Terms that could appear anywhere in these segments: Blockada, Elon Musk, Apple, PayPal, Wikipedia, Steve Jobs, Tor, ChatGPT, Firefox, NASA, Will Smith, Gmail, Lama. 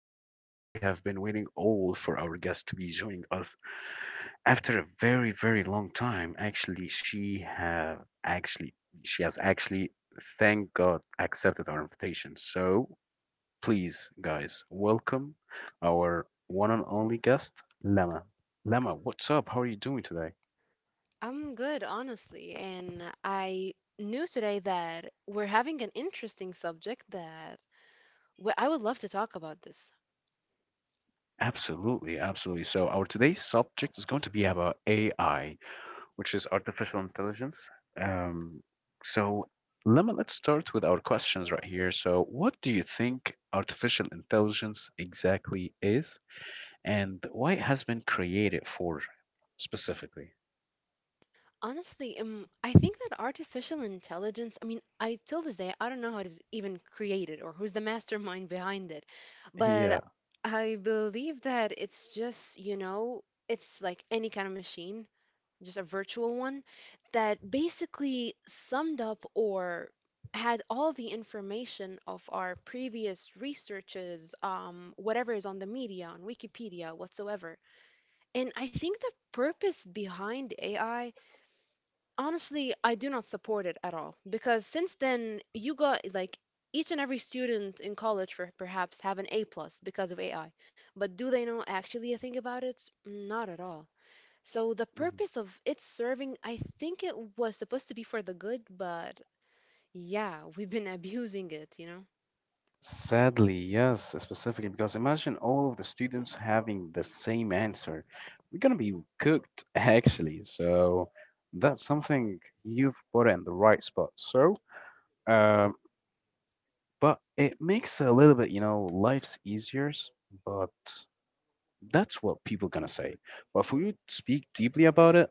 which we have been waiting all for our guest to be joining us after a very, very long time. Actually, she have actually she has actually, thank God, accepted our invitation. So please, guys, welcome our one and only guest, Lama. Lama, what's up? How are you doing today? I'm good, honestly, and I knew today that we're having an interesting subject that I would love to talk about this. Absolutely, absolutely. So our today's subject is going to be about AI, which is artificial intelligence. Um, so, Lemon, let's start with our questions right here. So, what do you think artificial intelligence exactly is, and why it has been created for specifically? Honestly, I think that artificial intelligence, I till this day, I don't know how it is even created or who's the mastermind behind it, but Yeah. I believe that it's just, you know, it's like any kind of machine, just a virtual one, that basically summed up or had all the information of our previous researches, whatever is on the media, on Wikipedia, whatsoever. And I think the purpose behind AI, honestly, I do not support it at all because since then you got like each and every student in college for perhaps have an A plus because of AI. But do they know actually a thing about it? Not at all. So the purpose of its serving, I think it was supposed to be for the good, but yeah, we've been abusing it, you know? Sadly, yes, specifically because imagine all of the students having the same answer. We're gonna be cooked, actually. So that's something you've put in the right spot. Um, but it makes a little bit, you know, life's easier, but that's what people gonna say. But if we speak deeply about it,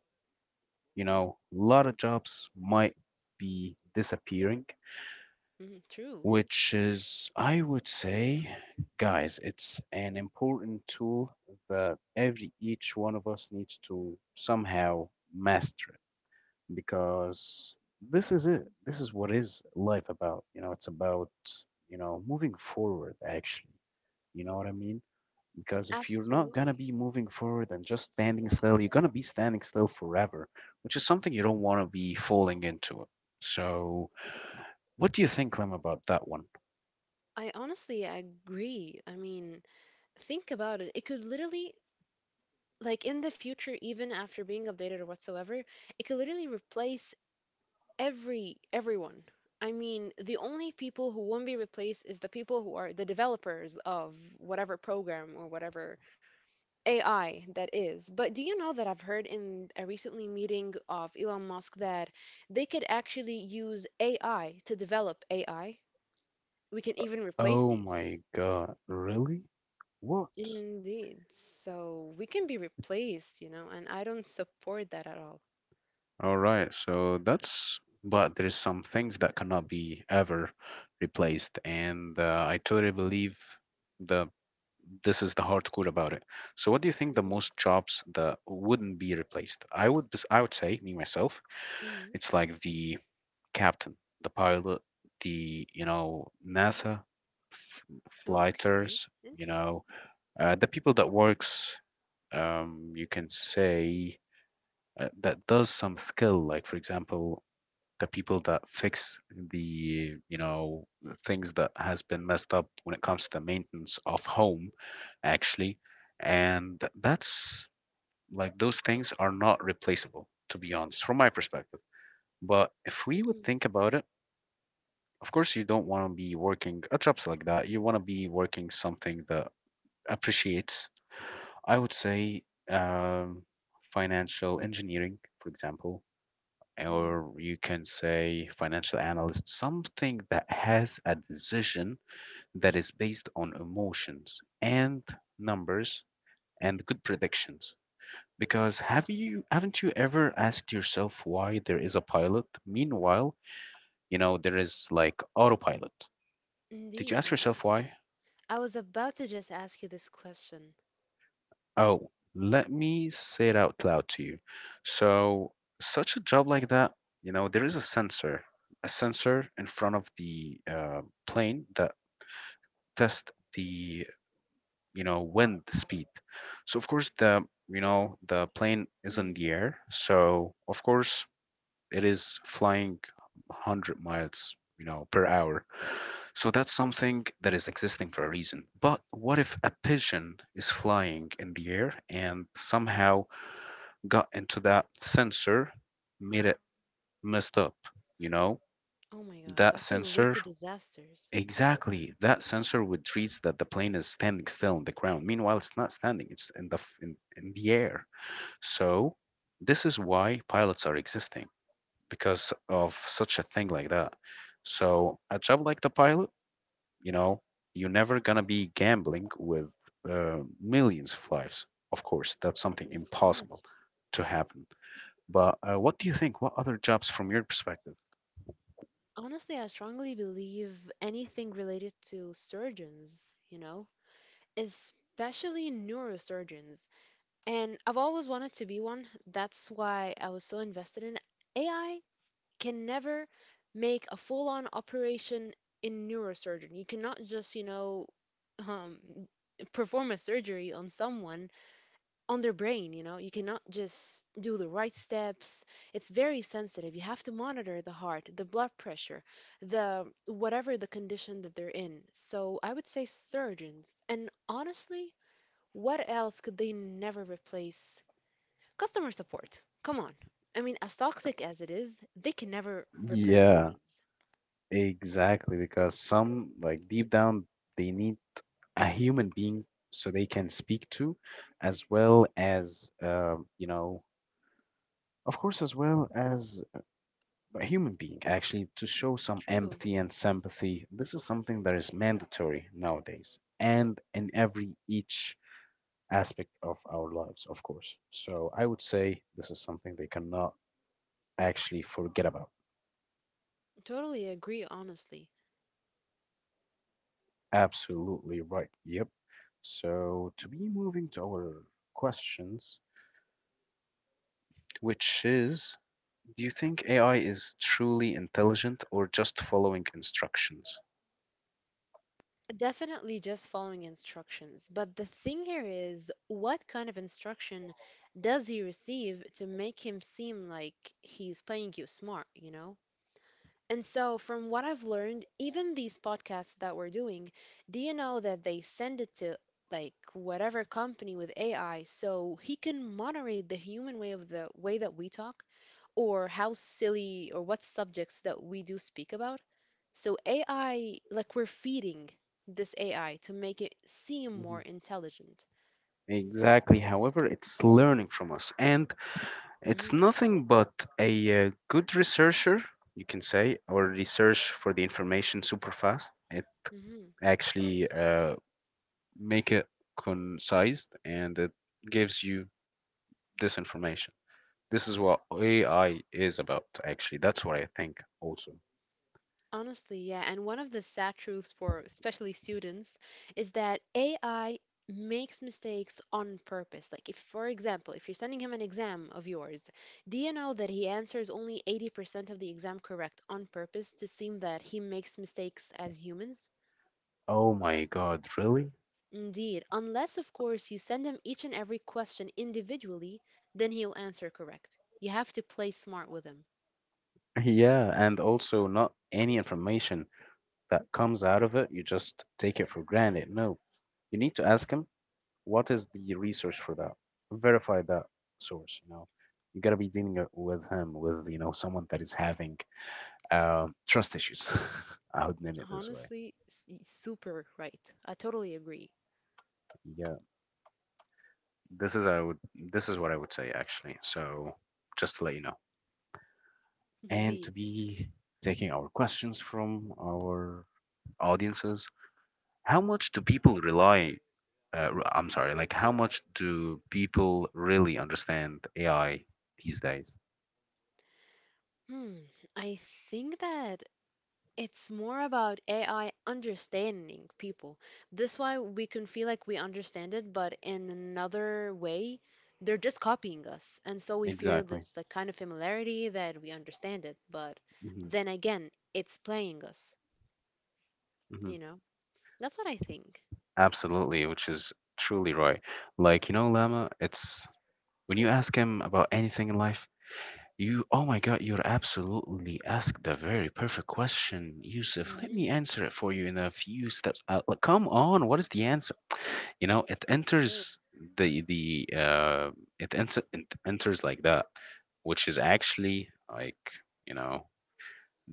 you know, a lot of jobs might be disappearing, Hmm, true. which is, I would say, guys, it's an important tool that every each one of us needs to somehow master it, because this is it. This is what is life about. You know, it's about, you know, moving forward actually. You know what I mean? Because if you're not Absolutely. gonna be moving forward and just standing still, you're gonna be standing still forever, which is something you don't wanna be falling into. So, what do you think, Clem, about that one? I honestly agree. I mean, think about it. It could literally, like in the future, even after being updated or whatsoever, it could literally replace everyone. I mean, the only people who won't be replaced is the people who are the developers of whatever program or whatever AI, that is. But do you know that I've heard in a recently meeting of Elon Musk that they could actually use AI to develop AI? We can even replace Oh these. my god, really? What? Indeed. So we can be replaced, you know, and I don't support that at all. All right, so that's, but there's some things that cannot be ever replaced, and I totally believe the this is the hardcore about it. So, what do you think the Mm, most jobs that wouldn't be replaced? I would say me myself, mm, it's like the captain, the pilot, the, you know, NASA f- okay. flighters, you Interesting. know, the people that works. You can say that does some skill like, for example, the people that fix the, you know, things that has been messed up when it comes to the maintenance of home actually. And that's, like those things are not replaceable, to be honest, from my perspective. But if we would Mm, think about it, of course you don't want to be working a jobs like that, you want to be working something that appreciates, I would say, um, financial engineering, for example, mm, or you can say financial analyst, something that has a decision that is based on emotions and numbers and good predictions. Because haven't you ever asked yourself why there is a pilot? Meanwhile, you know, there is like autopilot. Did you indeed, ask yourself yes. why? I was about to just ask you this question. Oh, let me say it out loud to you. So, such a job like that, you know, there is a sensor in front of the plane that test the, you know, wind speed. So of course the, you know, the plane is in Mm, the air, so of course it is flying 100 miles, you know, per hour. So that's something that is existing for a reason. But what if a pigeon is flying in the air and somehow got into that sensor, made it messed up, you know, oh my God, that that could lead sensor to disasters. exactly. That sensor would treat that the plane is standing still on the ground. Meanwhile, it's not standing, it's in the in the air. So this is why pilots are existing, because of such a thing like that. So a job like the pilot, you know, you're never gonna be gambling with millions of lives. Of course, that's something Of impossible course. to happen. But what do you think? What other jobs from your perspective? Honestly, I strongly believe anything related to surgeons, you know, especially neurosurgeons. And I've always wanted to be one. That's why I was so invested in it. AI can never make a full-on operation in neurosurgeon. You cannot just, you know, um, perform a surgery on someone on their brain. You know, you cannot just do the right steps. It's very sensitive. You have to monitor the heart, the blood pressure, the whatever the condition that they're in. So I would say surgeons and honestly, what else could they never replace? Customer support, come on. I mean, as toxic as it is, they can never replace Yeah, humans. exactly. Because some, like deep down, they need a human being so they can speak to, as well as, you know, of course, as well as a human being, actually, to show some True, empathy and sympathy. This is something that is mandatory nowadays and in every each aspect of our lives, of course. So I would say this is something they cannot actually forget about. totally agree, honestly. Absolutely right. Yep. So to be moving to our questions, which is, do you think AI is truly intelligent or just following instructions? Definitely just following instructions. But the thing here is, what kind of instruction does he receive to make him seem like he's playing you smart, you know? And so, from what I've learned, even these podcasts that we're doing, do you know that they send it to like whatever company with AI so he can moderate the human way of the way that we talk? Or how silly or what subjects that we do speak about. So AI, like we're feeding this AI to make it seem Mhm. more intelligent. So, Exactly. However, it's learning from us, and it's hmm, nothing but a good researcher, you can say, or research for the information super fast. It hmm, actually, make it concise and it gives you this information. This is what AI is about, actually. That's what I think also. honestly, yeah. And one of the sad truths for especially students is that AI makes mistakes on purpose. Like, if, for example, if you're sending him an exam of yours, do you know that he answers only 80% of the exam correct on purpose to seem that he makes mistakes as humans? Oh my God, really? Indeed, unless, of course, you send him each and every question individually, then he'll answer correct. You have to play smart with him. Yeah, and also not any information that comes out of it, you just take it for granted. No, you need to ask him, what is the research for that? Verify that source, you know. You gotta be dealing with him, with, you know, someone that is having trust issues. I would name it this way. Honestly, super right. I totally agree. Yeah. This is I would this is what I would say actually. So just to let you know. And to Indeed. be taking our questions from our audiences, how much do people rely I'm sorry, like, how much do people really understand AI these days? Hmm. I think that it's more about AI understanding people. This why we can feel like we understand it, but in another way, they're just copying us. And so we feel Exactly. this like kind of familiarity that we understand it, but Hmm. then again, it's playing us. Hmm. You know, that's what I think. Absolutely, which is truly right. Like, you know, Lama, it's, when you ask him about anything in life, you, oh my God, you're absolutely asked the very perfect question, Yusuf. Let me Hmm, answer it for you in a few steps. Like, come on, what is the answer? You know, it true. enters the the uh, it enters like that, which is actually like, you know,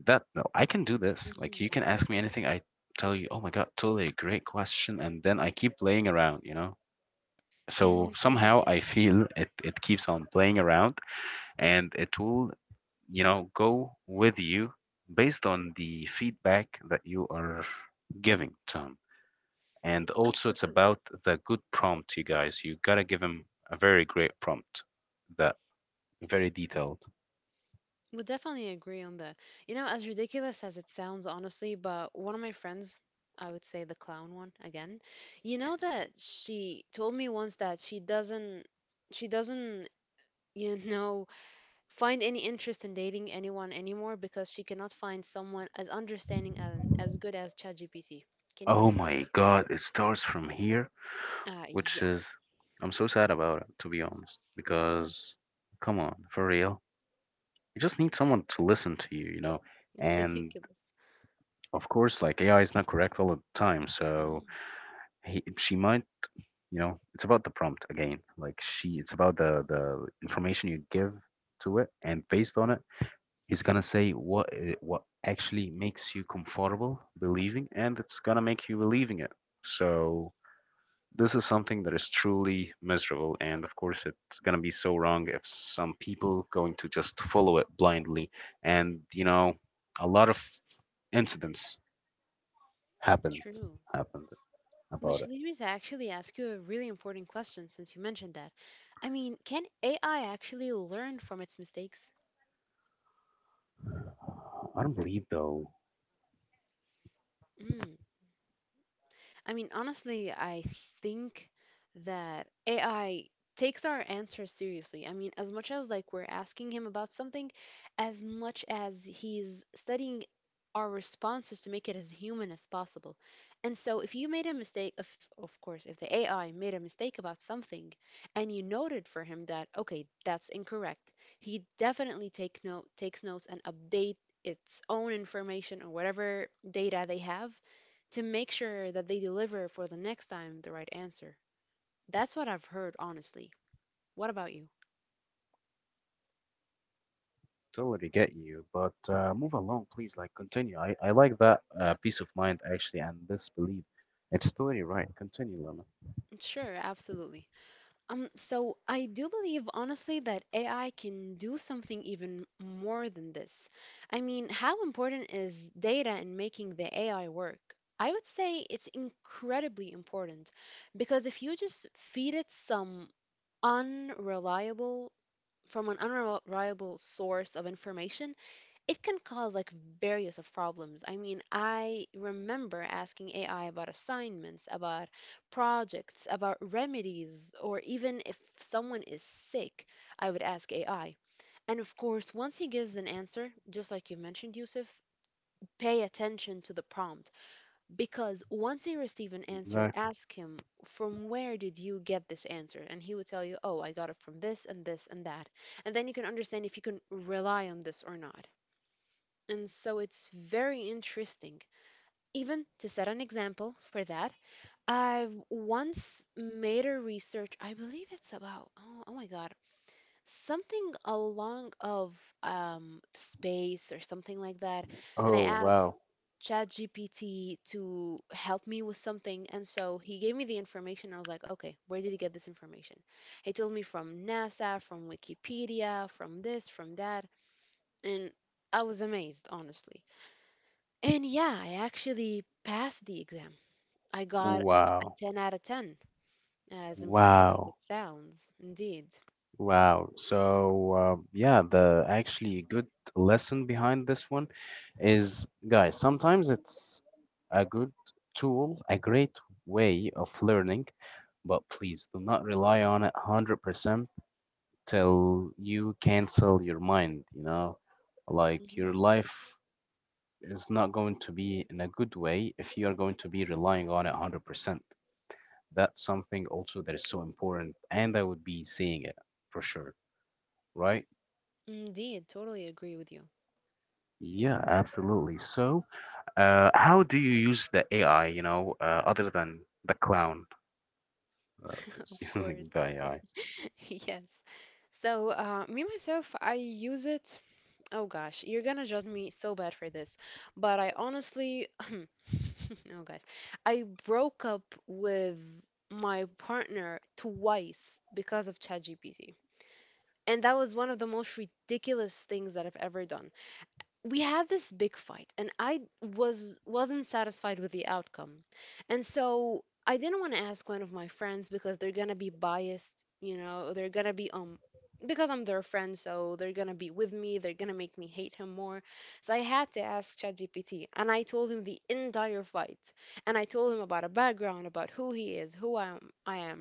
that no, I can do this. Like, Hmm. you can ask me anything. I tell you, oh my God, totally a great question, and then I keep playing around. You know, so Indeed, somehow I yes. feel it, it keeps on playing around, and it will, you know, go with you based on the feedback that you are giving to him. And also, it's Absolutely. about the good prompt, you guys. You gotta give him a very great prompt that very detailed. We definitely agree on that. You know, as ridiculous as it sounds, honestly, but one of my friends, I would say the clown one again, you know that she told me once that she doesn't, you know, find any interest in dating anyone anymore because she cannot find someone as understanding and as good as ChatGPT. Can you Oh believe my God, it starts from here. that? Which is, Yes. I'm so sad about it, to be honest, because come on, for real, you just need someone to listen to you, you know. It's And ridiculous. of course, like, AI is not correct all the time, so she might, you know, it's about the prompt again, like she it's about the information you give to it, and based on it he's gonna say what actually makes you comfortable believing, and it's gonna make you believing it. So this is something that is truly miserable, and of course it's going to be so wrong if some people going to just follow it blindly. And you know, a lot of incidents happened True. happened about Which it. leads me to actually ask you a really important question since you mentioned that. I mean, can AI actually learn from its mistakes? I don't believe though. Hmm. I mean, honestly, I think that AI takes our answers seriously. I mean, as much as like we're asking him about something, as much as he's studying our responses to make it as human as possible. And so if you made a mistake, of course, if the AI made a mistake about something and you noted for him that, okay, that's incorrect, he definitely takes notes and update its own information or whatever data they have to make sure that they deliver for the next time the right answer. That's what I've heard, honestly. What about you? Totally get you, but move along please, like, continue. I like that peace of mind actually, and this belief, it's totally right. Continue, Lama. Sure, absolutely. So I do believe honestly that AI can do something even more than this. I mean, how important is data in making the AI work? I would say it's incredibly important because if you just feed it some unreliable from an unreliable source of information, it can cause like various of problems. I mean, I remember asking AI about assignments, about projects, about remedies, or even if someone is sick, I would ask AI. And of course, once he gives an answer, just like you mentioned, Yusuf, pay attention to the prompt because once you receive an answer, Exactly. ask him, from where did you get this answer? And he would tell you, oh, I got it from this and this and that. And then you can understand if you can rely on this or not. And so it's very interesting. Even to set an example for that, I've once made a research, I believe it's about, oh, oh my God, something along of space or something like that. And I Oh, asked wow. ChatGPT to help me with something. And so he gave me the information. I was like, okay, where did he get this information? He told me from NASA, from Wikipedia, from this, from that. And I was amazed, honestly. And yeah, I actually passed the exam. I got a Wow. 10 out of 10, as impressive as it Wow. sounds. Indeed. Wow. So, yeah, the actually a good lesson behind this one is, guys, sometimes it's a good tool, a great way of learning, but please do not rely on it 100% till you cancel your mind, you know? Like, your Hmm. life is not going to be in a good way if you are going to be relying on it 100%. That's something also that is so important, and I would be seeing it for sure, right? Indeed, totally agree with you. Yeah, absolutely. So, how do you use the AI, you know, other than the clown uh, Of course. using the AI? Yes. So, me myself, I use it. Oh gosh, you're gonna judge me so bad for this, but I honestly, oh gosh, I broke up with my partner twice because of ChatGPT. And that was one of the most ridiculous things that I've ever done. We had this big fight and I was wasn't satisfied with the outcome. And so I didn't want to ask one of my friends because they're gonna be biased, you know, they're gonna be because I'm their friend, so they're gonna be with me, they're gonna make me hate him more. So I had to ask ChatGPT and I told him the entire fight. And I told him about a background, about who he is, who I am.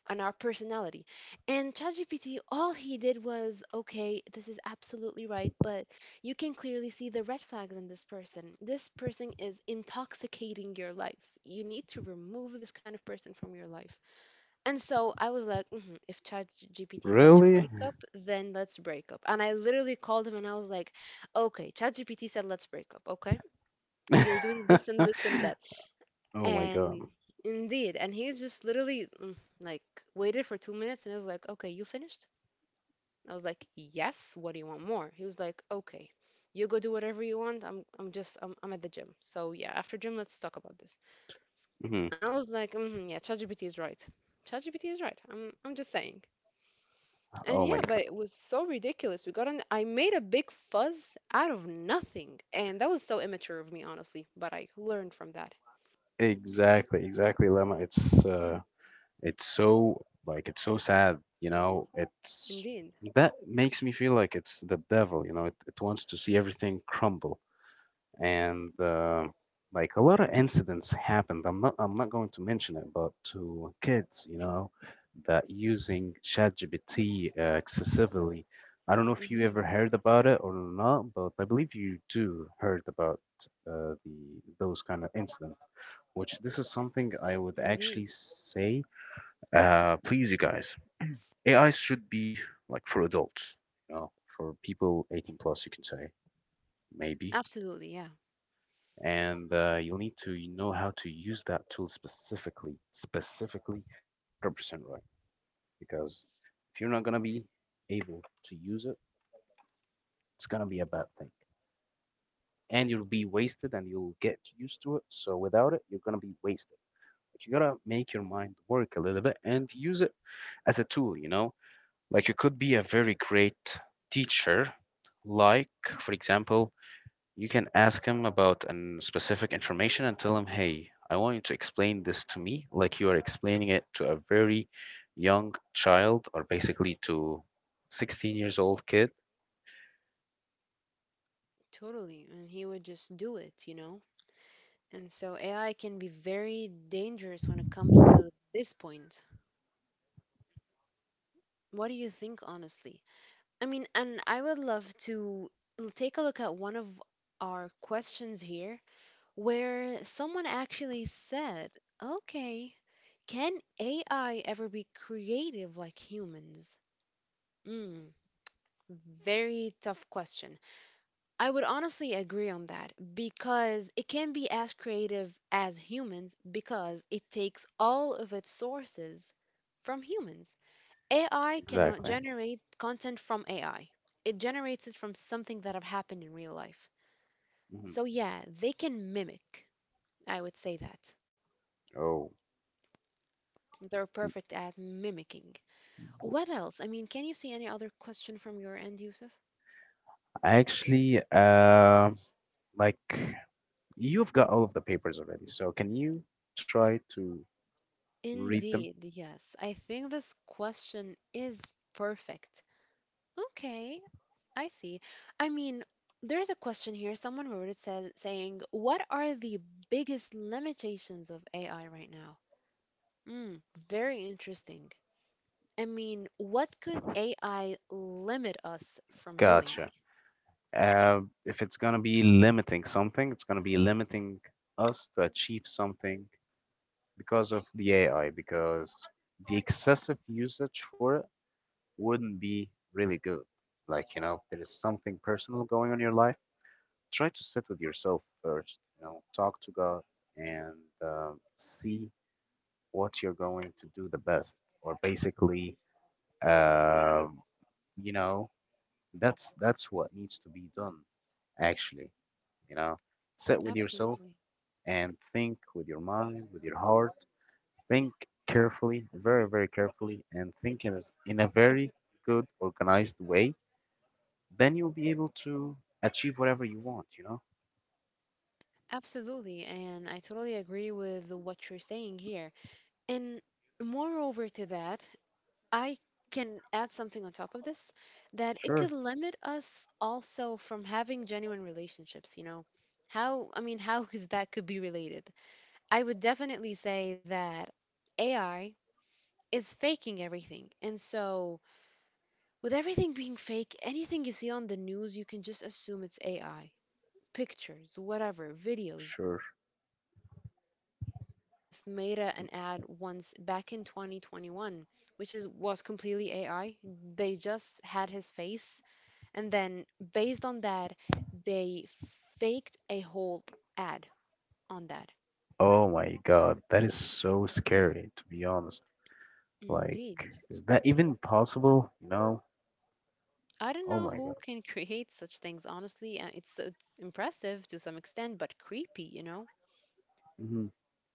On our personality. And ChatGPT, all he did was, okay, this is absolutely right, but you can clearly see the red flags in this person. This person is intoxicating your life. You need to remove this kind of person from your life. And so I was like, hmm, if ChatGPT said to Really? break up, then let's break up. And I literally called him and I was like, okay, ChatGPT said let's break up, okay? You're doing this and this and that. Oh my And god. indeed, and he just literally mm, like waited for 2 minutes and I was like, okay, you finished? I was like, yes, what do you want more? He was like, okay, you go do whatever you want. I'm just, I'm at the gym. So yeah, after gym, let's talk about this. Mhm. I was like, mm, yeah, ChatGPT is right. ChatGPT is right. I'm just saying. And Oh my yeah, but god. it was so ridiculous. We got on, I made a big fuzz out of nothing. And that was so immature of me, honestly, but I learned from that. Exactly, exactly, Lemma. It's so, like, it's so sad, you know. It's Indeed. that makes me feel like it's the devil, you know. It wants to see everything crumble. And like, a lot of incidents happened. I'm not going to mention it, but to kids, you know, that using ChatGPT excessively. I don't know if you ever Hmm. heard about it or not, but I believe you do heard about the those kind of incident. Which this is something I would actually Indeed. say. Please, you guys, AI should be like for adults, you know, for people 18 plus, you can say, maybe. Absolutely, yeah. And you'll need to know how to use that tool specifically, 100% right. Because if you're not going to be able to use it, it's going to be a bad thing. And you'll be wasted and you'll get used to it. So without it, you're going to be wasted. Like, you got to make your mind work a little bit and use it as a tool, you know? Like you could be a very great teacher, like, for example, you can ask him about an specific information and tell him, hey, I want you to explain this to me like you are explaining it to a very young child or basically to 16-year-old years old kid. You can make the prompt like this Totally. actually, And he and it would would be just do very it, you know? useful, right? What do you And think? so AI can be very dangerous when it comes to this point. What do you think, honestly? I mean, and I would love to take a look at one of our questions here where someone actually said, okay, can AI ever be creative like humans? Mm, very tough question. I would honestly agree on that because it can be as creative as humans because it takes all of its sources from humans. AI cannot Exactly. generate content from AI, it generates it from something that have happened in real life. Mhm. So, yeah, they can mimic. I would say that. Oh, They're m- perfect at mimicking. What else? I mean, can you see any other question from your end, Yusuf? actually, like you've got all of the papers already, so can you try to read them? Indeed, yes. I think this question is perfect. Okay. I see. I mean, there's a question here. Someone wrote it, saying, what are the biggest limitations of AI right now? Mm, Very interesting. I mean, what could AI limit us from doing? Gotcha. If it's going to be limiting something, it's going to be limiting us to achieve something because of the AI, because the excessive usage for it wouldn't be really good. Like, you know, if there is something personal going on in your life, try to sit with yourself first, you know, talk to God and uh, see what you're going to do the best, or basically, uh, you know, that's what needs to be done, actually. You know, sit with yourself Absolutely. and think with your mind, with your heart. Think carefully, very, very carefully, and think in in a very good, organized way. Then you'll be able to achieve whatever you want, you know? Absolutely. And I totally agree with what you're saying here. And moreover to that, I can add something on top of this that it Sure. could limit us also from having genuine relationships. How, I mean, how is that could be related? I would definitely say that AI is faking everything. And so, with everything being fake, anything you see on the news, you can just assume it's AI pictures, whatever, videos, Sure. movies. You know that actually Will Smith made an ad once back in 2021, which is was completely AI. They just had his face, and then based on that, they faked a whole ad on that. Oh my God, that is so scary, to be honest. Like, Indeed. is that even possible? You know? I don't Oh know my God. who can create such things, honestly. It's impressive to some extent, but creepy, you know? Hmm.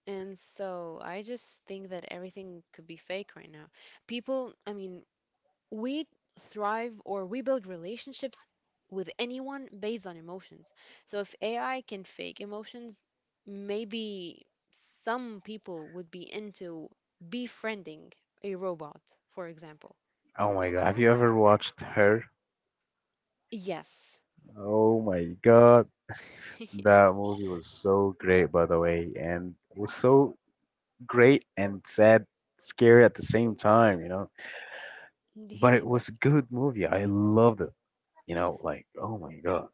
And so I just think that everything could be fake right now. People, I mean, we thrive, or we build relationships with anyone based on emotions. So if AI can fake emotions, maybe some people would be into befriending a robot, for example. Oh my God. Have you ever watched her? Yes. Oh my God. That movie was so great, by the way, and was so great and sad, scary at the same time, you know. But it Indeed. was a good movie. I loved it. You know, like oh my god,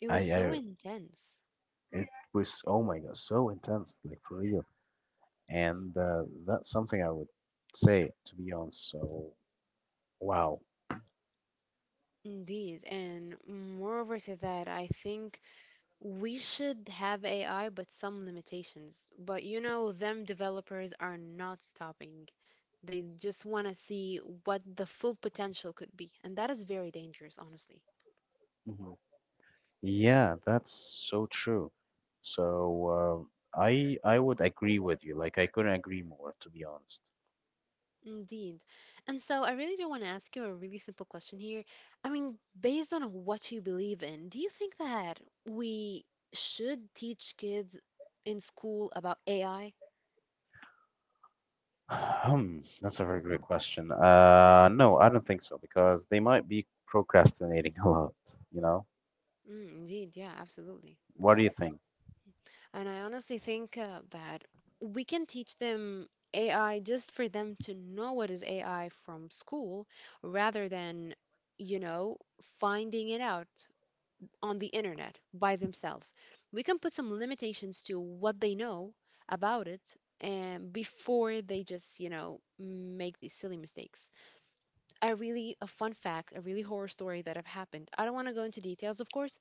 It was I, so I intense. it was oh my god, so intense, like for real. And that's something I would say to be honest. So wow, Indeed. And moreover to that, I think we should have AI, but some limitations. But them developers are not stopping. They just want to see what the full potential could be. And that is very dangerous, honestly. hmm, yeah, that's so true. So I would agree with you. Like I couldn't agree more, to be honest. Indeed. And so I really do want to ask you a really simple question here. I mean, based on what you believe in, do you think that we should teach kids in school about AI? Hmm, that's a very great question. No, I don't think so because they might be procrastinating a lot, you know? Mm, indeed. Yeah, absolutely. What do you think? And I honestly think that we can teach them AI just for them to know what is AI from school rather than, you know, finding it out on the internet by themselves. We can put some limitations to what they know about it and before they just, make these silly mistakes. A fun fact, a really horror story that have happened. I don't want to go into details, of course,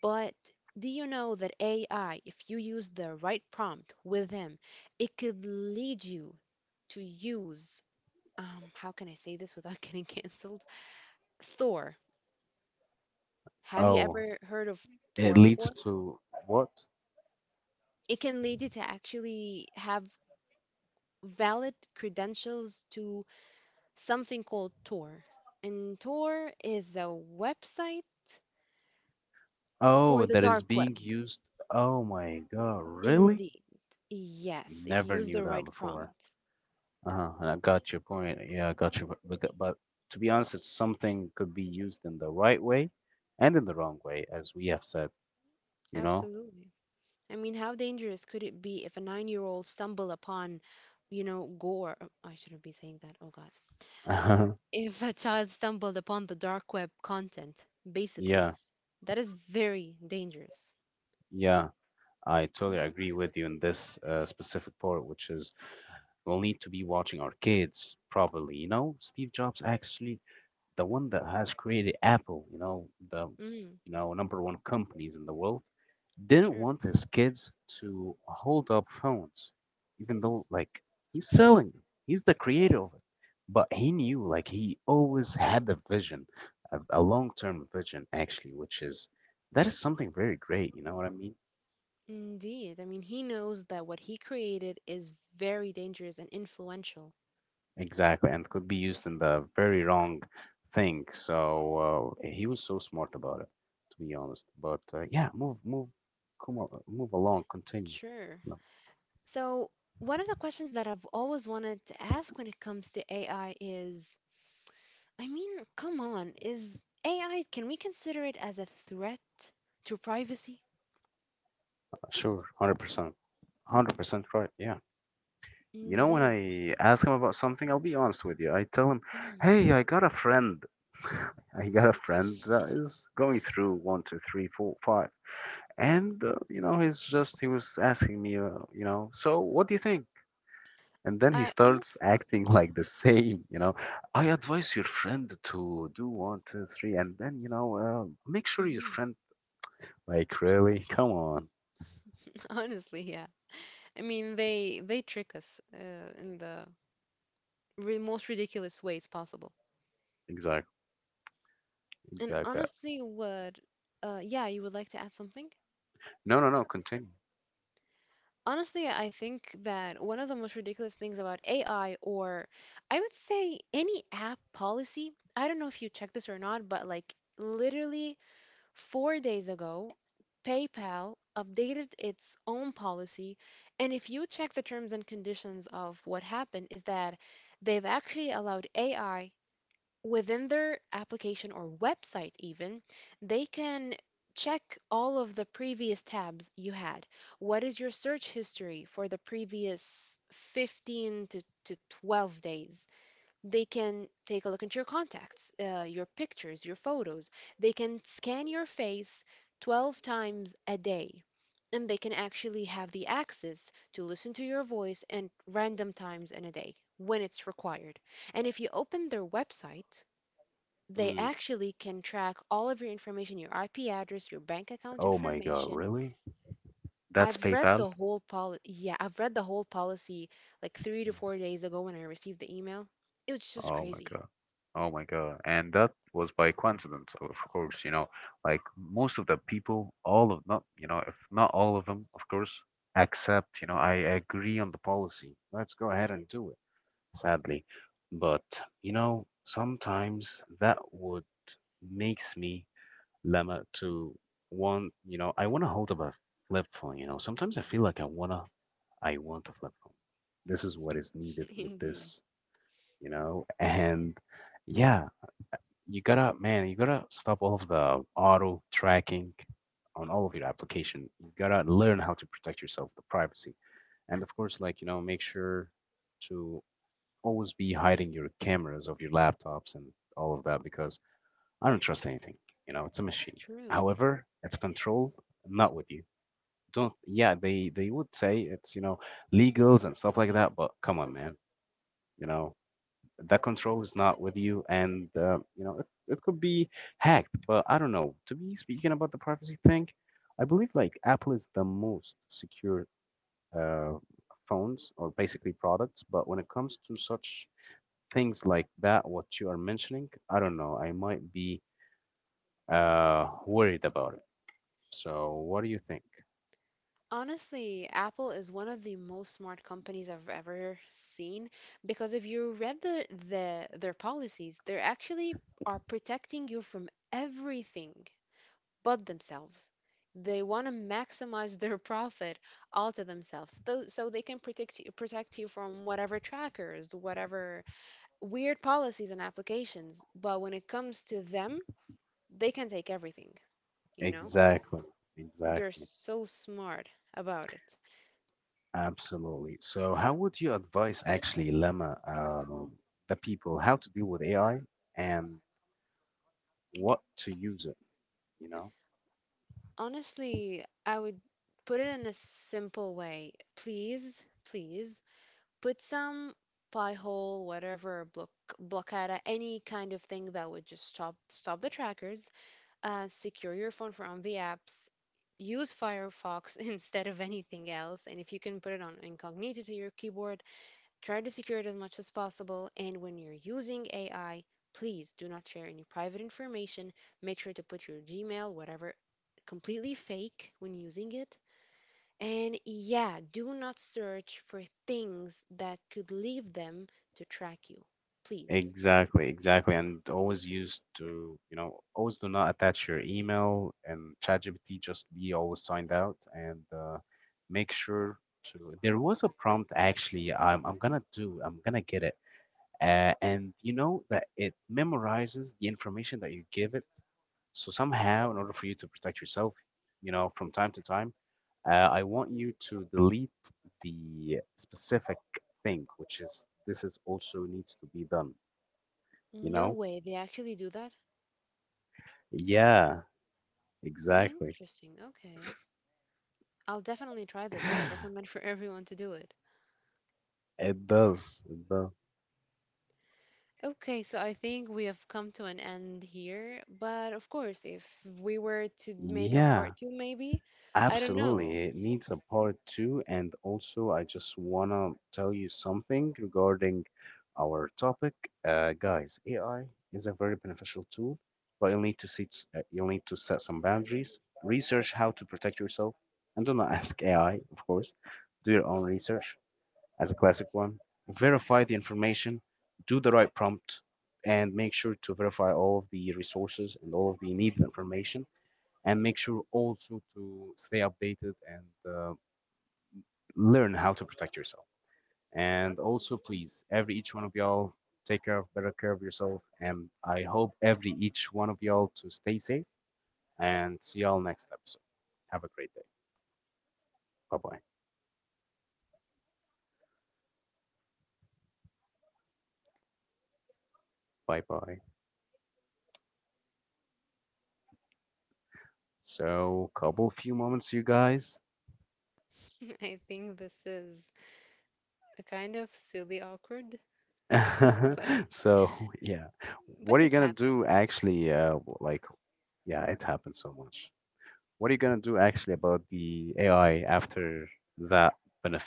but do you know that AI, if you use the right prompt with him, it could lead you to use, how can I say this without getting canceled? Thor. Have you Oh, ever heard of it Thor leads before? to what? It can lead you to actually have valid credentials to something called Tor. And Tor is a website Oh, for the that is dark web. being used. Oh my God, really? Indeed. Yes, if Never you use knew the that right before. prompt. Uh-huh, and I got your point. Yeah, I got your. But to be honest, it's something could be used in the right way and in the wrong way, as we have said, you know? Absolutely. I mean, how dangerous could it be if a 9-year-old stumbled upon, gore? Oh, I shouldn't be saying that. Oh God. If a child stumbled upon the dark web content, basically, Yeah, that is very dangerous. yeah. I totally agree with you in this specific part, which is we'll need to be watching our kids properly. You know, Steve Jobs actually the one that has created Apple. You know, the Mm, you know number one companies in the world didn't sure. want his kids to hold up phones, even though like he's selling them. He's the creator of it, but he knew like he always had the vision, a long term vision actually, which is that is something very great. You know what I mean? Indeed. I mean, he knows that what he created is very dangerous and influential. Exactly, and could be used in the very wrong thing. So he was so smart about it, to be honest. But yeah, come on, move along, continue. Sure. No. So, one of the questions that I've always wanted to ask when it comes to AI is, I mean, come on, is AI, can we consider it as a threat to privacy? Sure, 100%, 100% right. Yeah. You know, when Indeed. I ask him about something, I'll be honest with you. I tell him, Mm. hey, I got a friend. I got a friend that is going through one, two, three, four, five. And, you know, he was asking me, you know, so what do you think? And then he I starts honestly think acting yeah. like the same, you know. I advise your friend to do one, two, three, and then, you know, make sure your Hmm. friend, like, really? Come on. Honestly, yeah. I mean, they trick us in the ri most ridiculous ways possible. Exactly. And Exactly. honestly, what yeah, you would like to add something? No, no, no, continue. Honestly, I think that one of the most ridiculous things about AI, or I would say any app policy, I don't know if you checked this or not, but like literally 4 days ago, PayPal updated its own policy. And if you check the terms and conditions of what happened, is that they've actually allowed AI within their application or website, even they can check all of the previous tabs you had, what is your search history for the previous 15 to 12 days, they can take a look at your contacts, your pictures, your photos, they can scan your face 12 times a day, and they can actually have the access to listen to your voice and random times in a day when it's required, and if you open their website, they Mm. actually can track all of your information, your IP address, your bank account Oh my God, information. really? That's I've read PayPal. the whole yeah, I've read the whole policy like 3 to 4 days ago when I received the email. It was just Oh my crazy. God. Oh my God. And that was by coincidence, of course, you know, like most of the people, all of not, you know, if not all of them, of course, accept, you know, I agree on the policy. Let's go ahead and do it, sadly. But, you know, sometimes that would makes me lemma to want, you know, I want to hold up a flip phone, you know. Sometimes I feel like I wanna I want a flip phone. This is what is needed with Indeed. this you know? And yeah, you gotta, man, you gotta stop all of the auto tracking on all of your application. You gotta learn how to protect yourself, the privacy. And of course, like, you know, make sure to always be hiding your cameras of your laptops and all of that because I don't trust anything. You know, it's a machine. True. However, it's controlled, not with you. Don't, yeah, they would say it's, you know, legals and stuff like that, but come on, man. You know, that control is not with you and you know it could be hacked, but I don't know. To be speaking about the privacy thing, I believe like Apple is the most secure uh, phones or basically products, but when it comes to such things like that what you are mentioning, I don't know, I might be worried about it. So, what do you think? Honestly, Apple is one of the most smart companies I've ever seen, because if you read their policies, they actually are protecting you from everything, but themselves. They want to maximize their profit all to themselves, so they can protect you from whatever trackers, whatever weird policies and applications. But when it comes to them, they can take everything. You know, Exactly, they're exactly, so smart about it. absolutely. So, how would you advise actually, Lemma, the people how to deal with AI and what to use it? You know? Honestly, I would put it in a simple way. Please, please put some pie hole, whatever blockada, any kind of thing that would just stop the trackers. Secure your phone from the apps. Use Firefox instead of anything else. And if you can put it on incognito to your keyboard, try to secure it as much as possible. And when you're using AI, please do not share any private information. Make sure to put your Gmail, whatever, completely fake when using it. And yeah, do not search for things that could lead them to track you. Please. Exactly, exactly. And always used to, you know, always do not attach your email and ChatGPT, just be always signed out and make sure to. There was a prompt actually, I'm gonna do, I'm gonna get it. And you know that it memorizes the information that you give it. So somehow, in order for you to protect yourself, you know, from time to time, I want you to delete the specific thing, which is this is also needs to be done. You No know? way, they actually do that? Yeah, exactly. Interesting. Okay. I'll definitely try this, and I recommend for everyone to do it. It does. It does. Okay, so I think we have come to an end here, but of course, if we were to make a Yeah. part two, maybe, I don't know. Absolutely, it needs a part two. And also, I just want to tell you something regarding our topic. Guys, AI is a very beneficial tool, but you'll need to set some boundaries, research how to protect yourself, and do not ask AI, of course. Do your own research as a classic one. Verify the information, do the right prompt, and make sure to verify all of the resources and all of the needed information and make sure also to stay updated and learn how to protect yourself. And also, please, every each one of y'all, take care of better care of yourself. And I hope every each one of y'all to stay safe. And see y'all next episode. Have a great day. Bye bye. Bye bye. So, couple few moments, you guys. I think this is a kind of silly, awkward, but so, yeah, but what are it you gonna do? happens. Actually, like, yeah, it happened so much. What are you gonna do actually about the AI after that benefit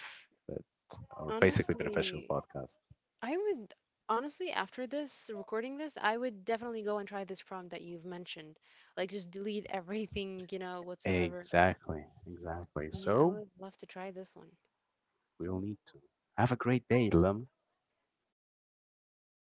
or basically beneficial Honestly, podcast? I would honestly, after this recording this, I would definitely go and try this prompt that you've mentioned. Like just delete everything, whatsoever. Exactly, exactly. Yeah, I So would love to try this one. we'll need to have a great day, Lim. I have wonderful.